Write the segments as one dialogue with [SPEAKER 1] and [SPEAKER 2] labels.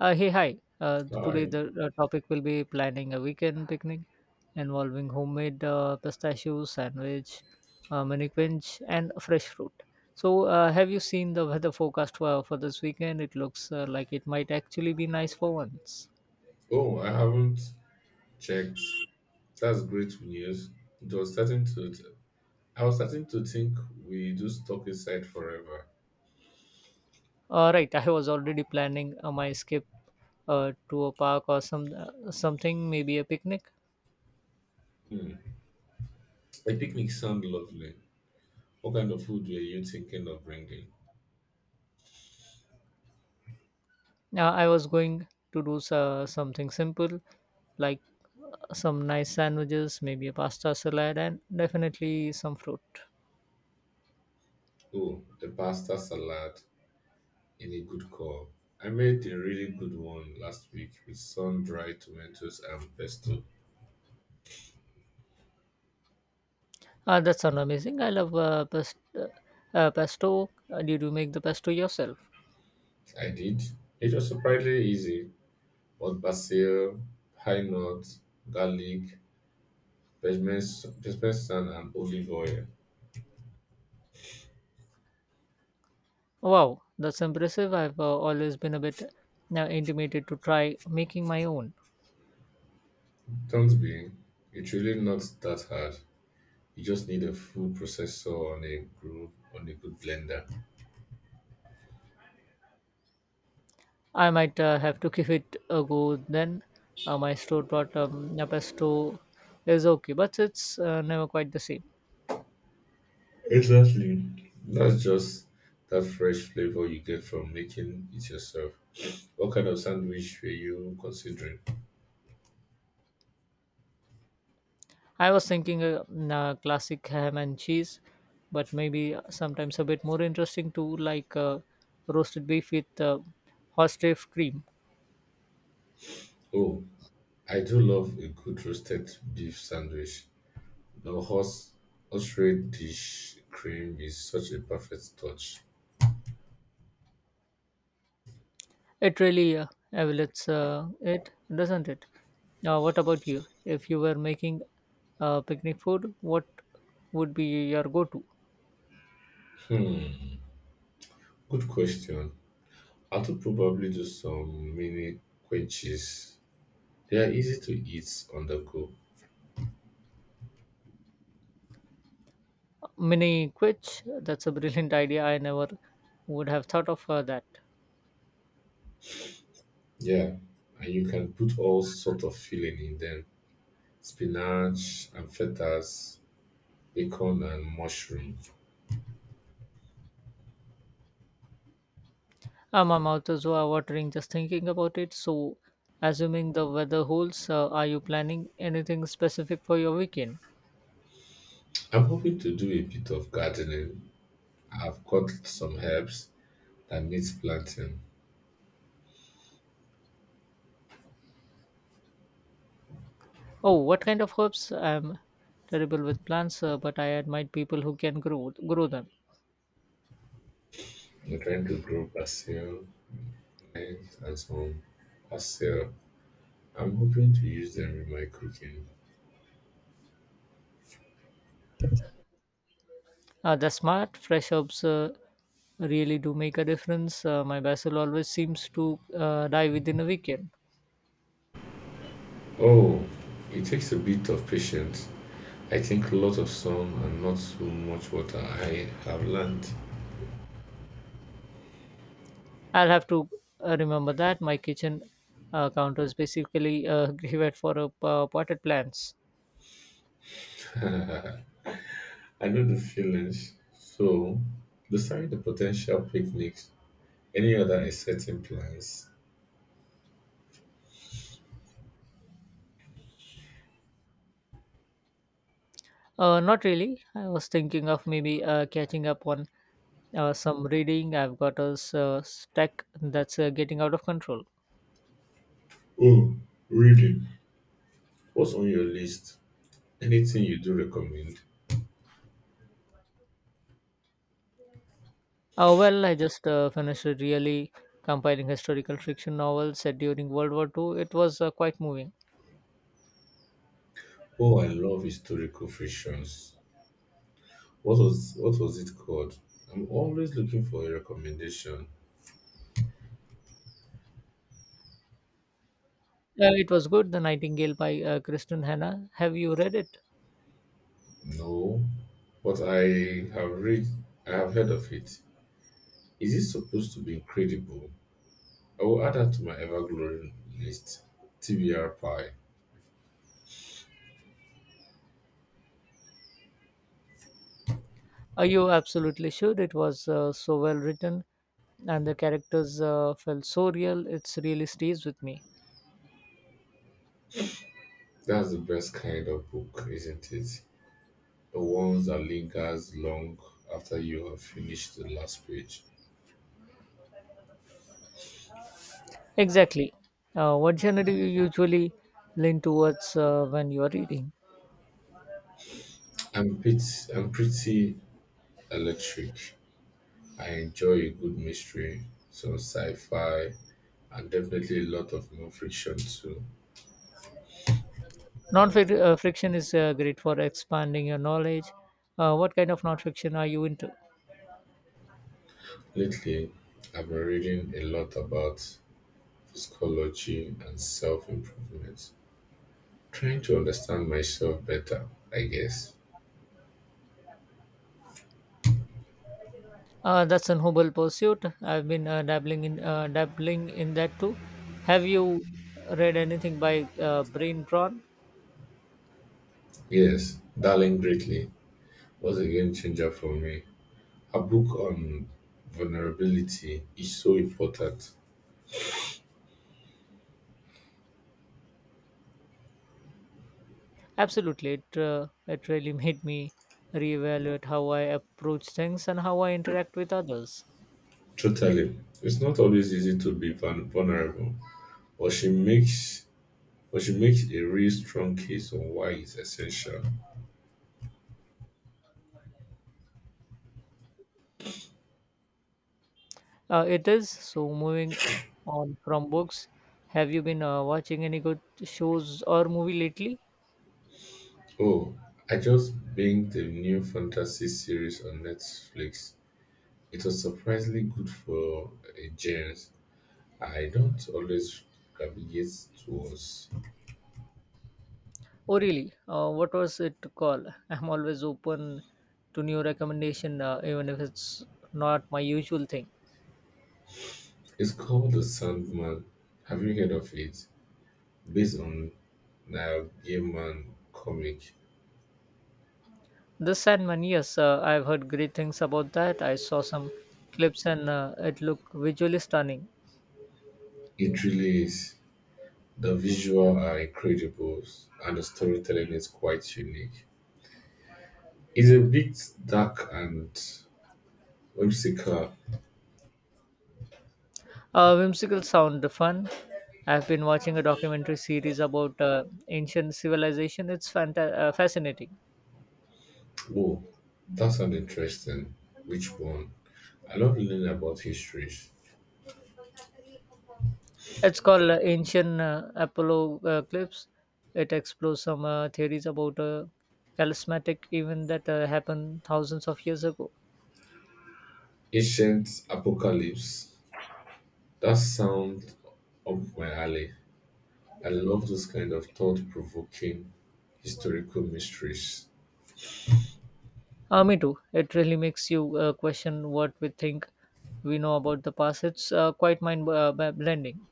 [SPEAKER 1] Hey, hi. Uh, today
[SPEAKER 2] Hi.
[SPEAKER 1] the uh, topic will be planning a weekend picnic involving homemade pistachio sandwich, mini quench, and fresh fruit. So, have you seen the weather forecast for this weekend? It looks like it might actually be nice for once.
[SPEAKER 2] Oh, I haven't checked. That's great news. It was starting to. I was starting to think we do stuck inside forever.
[SPEAKER 1] All right, I was already planning my skip to a park or some something, maybe a picnic.
[SPEAKER 2] Hmm. A picnic sounds lovely. What kind of food were you thinking of bringing?
[SPEAKER 1] Yeah, I was going to do something simple like some nice sandwiches, maybe a pasta salad, and definitely some fruit.
[SPEAKER 2] Oh, a pasta salad in a good call. I made a really good one last week with sun-dried tomatoes and pesto.
[SPEAKER 1] That sounds amazing. I love pesto. Did you make the pesto yourself?
[SPEAKER 2] I did. It was surprisingly easy, but basil, pine nuts, garlic, peppermint pepper sand and olive oil.
[SPEAKER 1] Wow, that's impressive. I've always been a bit intimidated to try making my own.
[SPEAKER 2] Don't be. It's really not that hard. You just need a food processor on a good blender.
[SPEAKER 1] I might have to give it a go then. My store bought a pesto is okay, but it's never quite the same.
[SPEAKER 2] Exactly. That's just that fresh flavor you get from making it yourself. What kind of sandwich were you considering?
[SPEAKER 1] I was thinking a classic ham and cheese, but maybe sometimes a bit more interesting too, like roasted beef with horseradish cream.
[SPEAKER 2] Oh, I do love a good roasted beef sandwich. The horse dish cream is such a perfect touch.
[SPEAKER 1] It really elevates it, doesn't it? Now, what about you? If you were making picnic food, what would be your go-to?
[SPEAKER 2] Hmm, good question. I would probably do some mini quiches. They are easy to eat on the go.
[SPEAKER 1] Mini quiche. That's a brilliant idea. I never would have thought of that.
[SPEAKER 2] Yeah, and you can put all sort of filling in them: spinach and fetas, bacon and mushroom.
[SPEAKER 1] My mouth is watering just thinking about it. So, assuming the weather holds, are you planning anything specific for your weekend?
[SPEAKER 2] I'm hoping to do a bit of gardening. I've got some herbs that needs planting.
[SPEAKER 1] Oh, what kind of herbs? I'm terrible with plants, but I admire people who can grow them.
[SPEAKER 2] I'm trying to grow basil, mint, and some basil. I'm hoping to use them in my cooking.
[SPEAKER 1] The smart, fresh herbs really do make a difference. My basil always seems to die within a weekend.
[SPEAKER 2] Oh, it takes a bit of patience I think lots of sun and not so much water. I have learned.
[SPEAKER 1] I'll have to remember that. My kitchen counter is basically a graveyard for potted plants.
[SPEAKER 2] I know the feelings. So, besides the potential picnics, any other exciting plans?
[SPEAKER 1] Not really. I was thinking of maybe catching up on some reading. I've got a stack that's getting out of control.
[SPEAKER 2] Oh, really? What's on your list? Anything you do recommend?
[SPEAKER 1] Well, I just finished a really compiling historical fiction novel set during World War Two. It was quite moving.
[SPEAKER 2] Oh, I love historical fictions. What was it called? I'm always looking for a recommendation.
[SPEAKER 1] It was good, The Nightingale by Kristen Hanna. Have you read it?
[SPEAKER 2] No, but I have read. I have heard of it. Is it supposed to be incredible? I will add that to my ever growing list. TBR Pie.
[SPEAKER 1] Are you absolutely sure it was so well written and the characters felt so real? It's really stays with me.
[SPEAKER 2] That's the best kind of book, isn't it? The ones that lingers long after you have finished the last page.
[SPEAKER 1] Exactly. What genre do you usually lean towards when you are reading?
[SPEAKER 2] I'm pretty, I'm pretty electric. I enjoy a good mystery, some sci-fi, and definitely a lot of non-fiction too.
[SPEAKER 1] Non fiction is great for expanding your knowledge. What kind of non fiction are you into?
[SPEAKER 2] Lately, I've been reading a lot about psychology and self-improvement, trying to understand myself better, I guess.
[SPEAKER 1] That's an noble pursuit. I've been dabbling in that too. Have you read anything by Brain Drawn?
[SPEAKER 2] Yes, Darling Greatly was a game changer for me. Her book on vulnerability is so important.
[SPEAKER 1] Absolutely, it it really made me reevaluate how I approach things and how I interact with others.
[SPEAKER 2] Totally. It's not always easy to be vulnerable, but she makes a real strong case on why it's essential.
[SPEAKER 1] It is. So, moving on from books, have you been watching any good shows or movie lately?
[SPEAKER 2] Oh, I just binged the new fantasy series on Netflix. It was surprisingly good for a genre I don't always gravitate towards.
[SPEAKER 1] Oh, really? What was it called? I'm always open to new recommendation, even if it's not my usual thing.
[SPEAKER 2] It's called The Sandman. Have you heard of it? Based on Neil Gaiman comic.
[SPEAKER 1] The Sandman, yes, I've heard great things about that. I saw some clips and it looked visually stunning.
[SPEAKER 2] It really is. The visual are incredible and the storytelling is quite unique. It's a bit dark and whimsical.
[SPEAKER 1] Whimsical sound, fun. I've been watching a documentary series about ancient civilization. It's fascinating.
[SPEAKER 2] Whoa, that sounds interesting. Which one? I love learning about histories.
[SPEAKER 1] It's called Ancient Apollo Clips. It explores some theories about a calismatic event that happened thousands of years ago.
[SPEAKER 2] Ancient apocalypse. That sounds up my alley. I love those kind of thought-provoking historical mysteries.
[SPEAKER 1] Me too. It really makes you question what we think we know about the past. It's quite mind blending.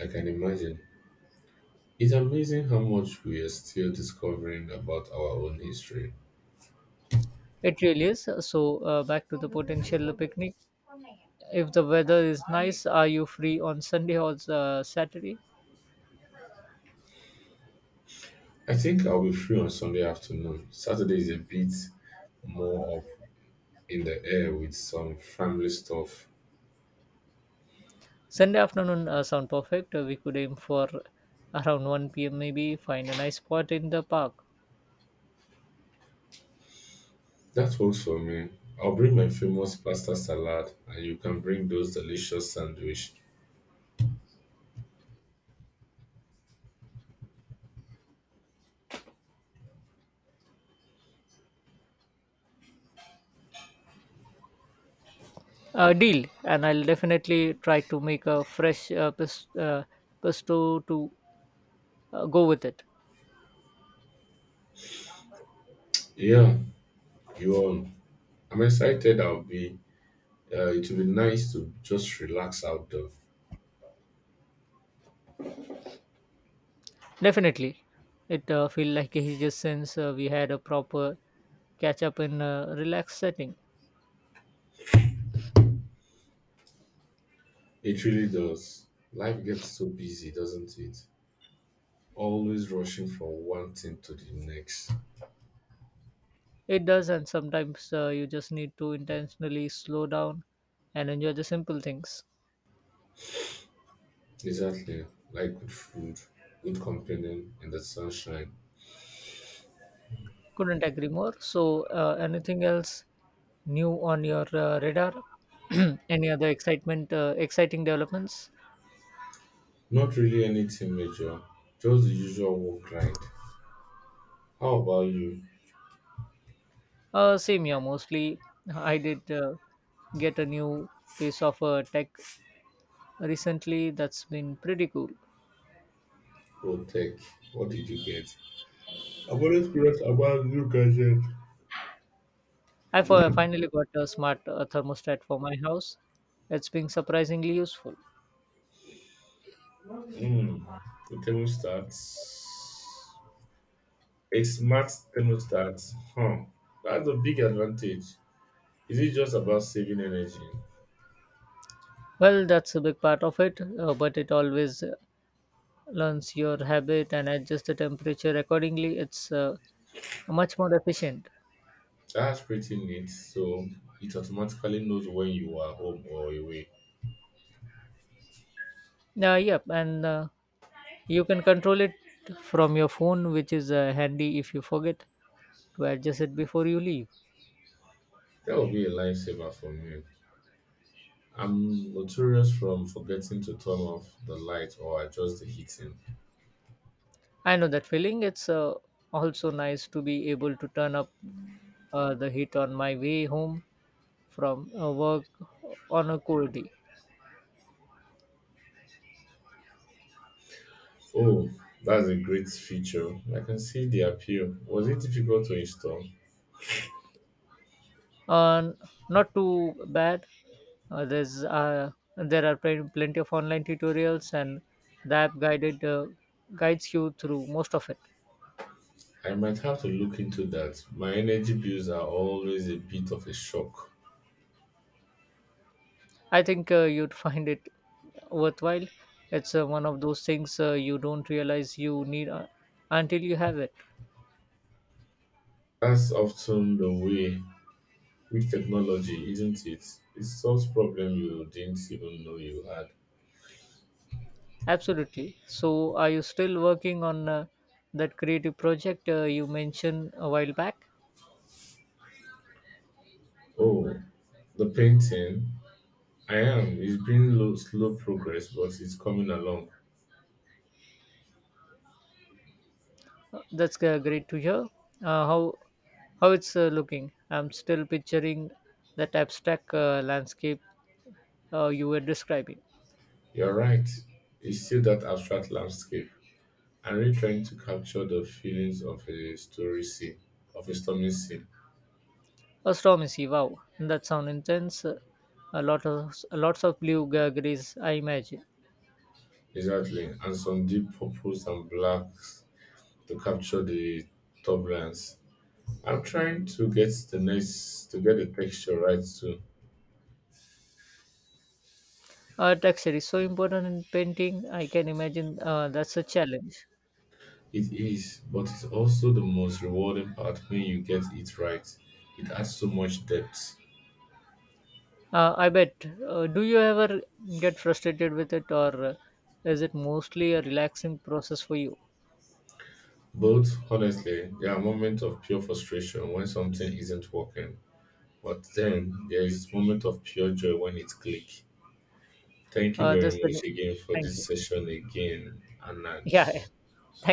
[SPEAKER 2] I can imagine. It's amazing how much we are still discovering about our own history.
[SPEAKER 1] It really is. So, back to the potential picnic. If the weather is nice, are you free on Sunday or Saturday?
[SPEAKER 2] I think I'll be free on Sunday afternoon. Saturday is a bit more up in the air with some family stuff.
[SPEAKER 1] Sunday afternoon sound perfect. We could aim for around 1 p.m. maybe, find a nice spot in the park.
[SPEAKER 2] That works for me. I'll bring my famous pasta salad and you can bring those delicious sandwich.
[SPEAKER 1] Deal, and I'll definitely try to make a fresh pesto to go with it.
[SPEAKER 2] Yeah, you on. I'm excited. I'll be. It will be nice to just relax outdoor.
[SPEAKER 1] Definitely. It feel like he just since we had a proper catch up in a relaxed setting.
[SPEAKER 2] It really does. Life gets so busy, doesn't it? Always rushing from one thing to the next.
[SPEAKER 1] It does, and sometimes you just need to intentionally slow down and enjoy the simple things.
[SPEAKER 2] Exactly. Like good food, good company, and the sunshine.
[SPEAKER 1] Couldn't agree more. So, anything else new on your radar? Any other exciting developments?
[SPEAKER 2] Not really anything major, just the usual work grind. How about you,
[SPEAKER 1] Same here, mostly. I did get a new piece of tech recently that's been pretty cool.
[SPEAKER 2] Pro Tech? What did you get? I'm always curious about new gadget.
[SPEAKER 1] I finally got a smart thermostat for my house. It's been surprisingly useful.
[SPEAKER 2] Hmm. The thermostat. A smart thermostat. Huh. That's a big advantage. Is it just about saving energy?
[SPEAKER 1] Well, that's a big part of it, but it always learns your habit and adjusts the temperature accordingly. It's much more efficient.
[SPEAKER 2] That's pretty neat. So it automatically knows when you are home or away.
[SPEAKER 1] Yep, and you can control it from your phone, which is handy if you forget to adjust it before you leave.
[SPEAKER 2] That would be a lifesaver for me. I'm notorious from forgetting to turn off the light or adjust the heating.
[SPEAKER 1] I know that feeling. It's also nice to be able to turn up the heat on my way home from work on a cold day.
[SPEAKER 2] Oh, that's a great feature. I can see the appeal. Was it difficult to install?
[SPEAKER 1] Uh, not too bad. Uh, there's uh, there are plenty of online tutorials, and the app guided guides you through most of it.
[SPEAKER 2] I might have to look into that. My energy bills are always a bit of a shock.
[SPEAKER 1] I think you'd find it worthwhile. It's one of those things you don't realize you need until you have it.
[SPEAKER 2] That's often the way with technology, isn't it? It solves problem you didn't even know you had.
[SPEAKER 1] Absolutely. So, are you still working on that creative project you mentioned a while back?
[SPEAKER 2] Oh, the painting, I am. It's been low, slow progress, but it's coming along.
[SPEAKER 1] That's great to hear. Uh, how how it's looking? I'm still picturing that abstract landscape you were describing.
[SPEAKER 2] You're right. It's still that abstract landscape. I'm really trying to capture the feelings of a story scene, of a stormy scene.
[SPEAKER 1] A storm is wow. That sound intense. A lot of lots of blue grays, I imagine.
[SPEAKER 2] Exactly. And some deep purples and blacks to capture the turbulence. I'm trying to get the texture right too.
[SPEAKER 1] Texture is so important in painting. I can imagine that's a challenge.
[SPEAKER 2] It is, but it's also the most rewarding part when you get it right. It adds so much depth.
[SPEAKER 1] I bet. Do you ever get frustrated with it, or is it mostly a relaxing process for you?
[SPEAKER 2] But honestly, there are moments of pure frustration when something isn't working. But then there is moment of pure joy when it clicks. Thank you
[SPEAKER 1] That's
[SPEAKER 2] very
[SPEAKER 1] the.
[SPEAKER 2] much again for
[SPEAKER 1] Thank you.
[SPEAKER 2] this session again,
[SPEAKER 1] Yeah. Thank
[SPEAKER 2] Anand.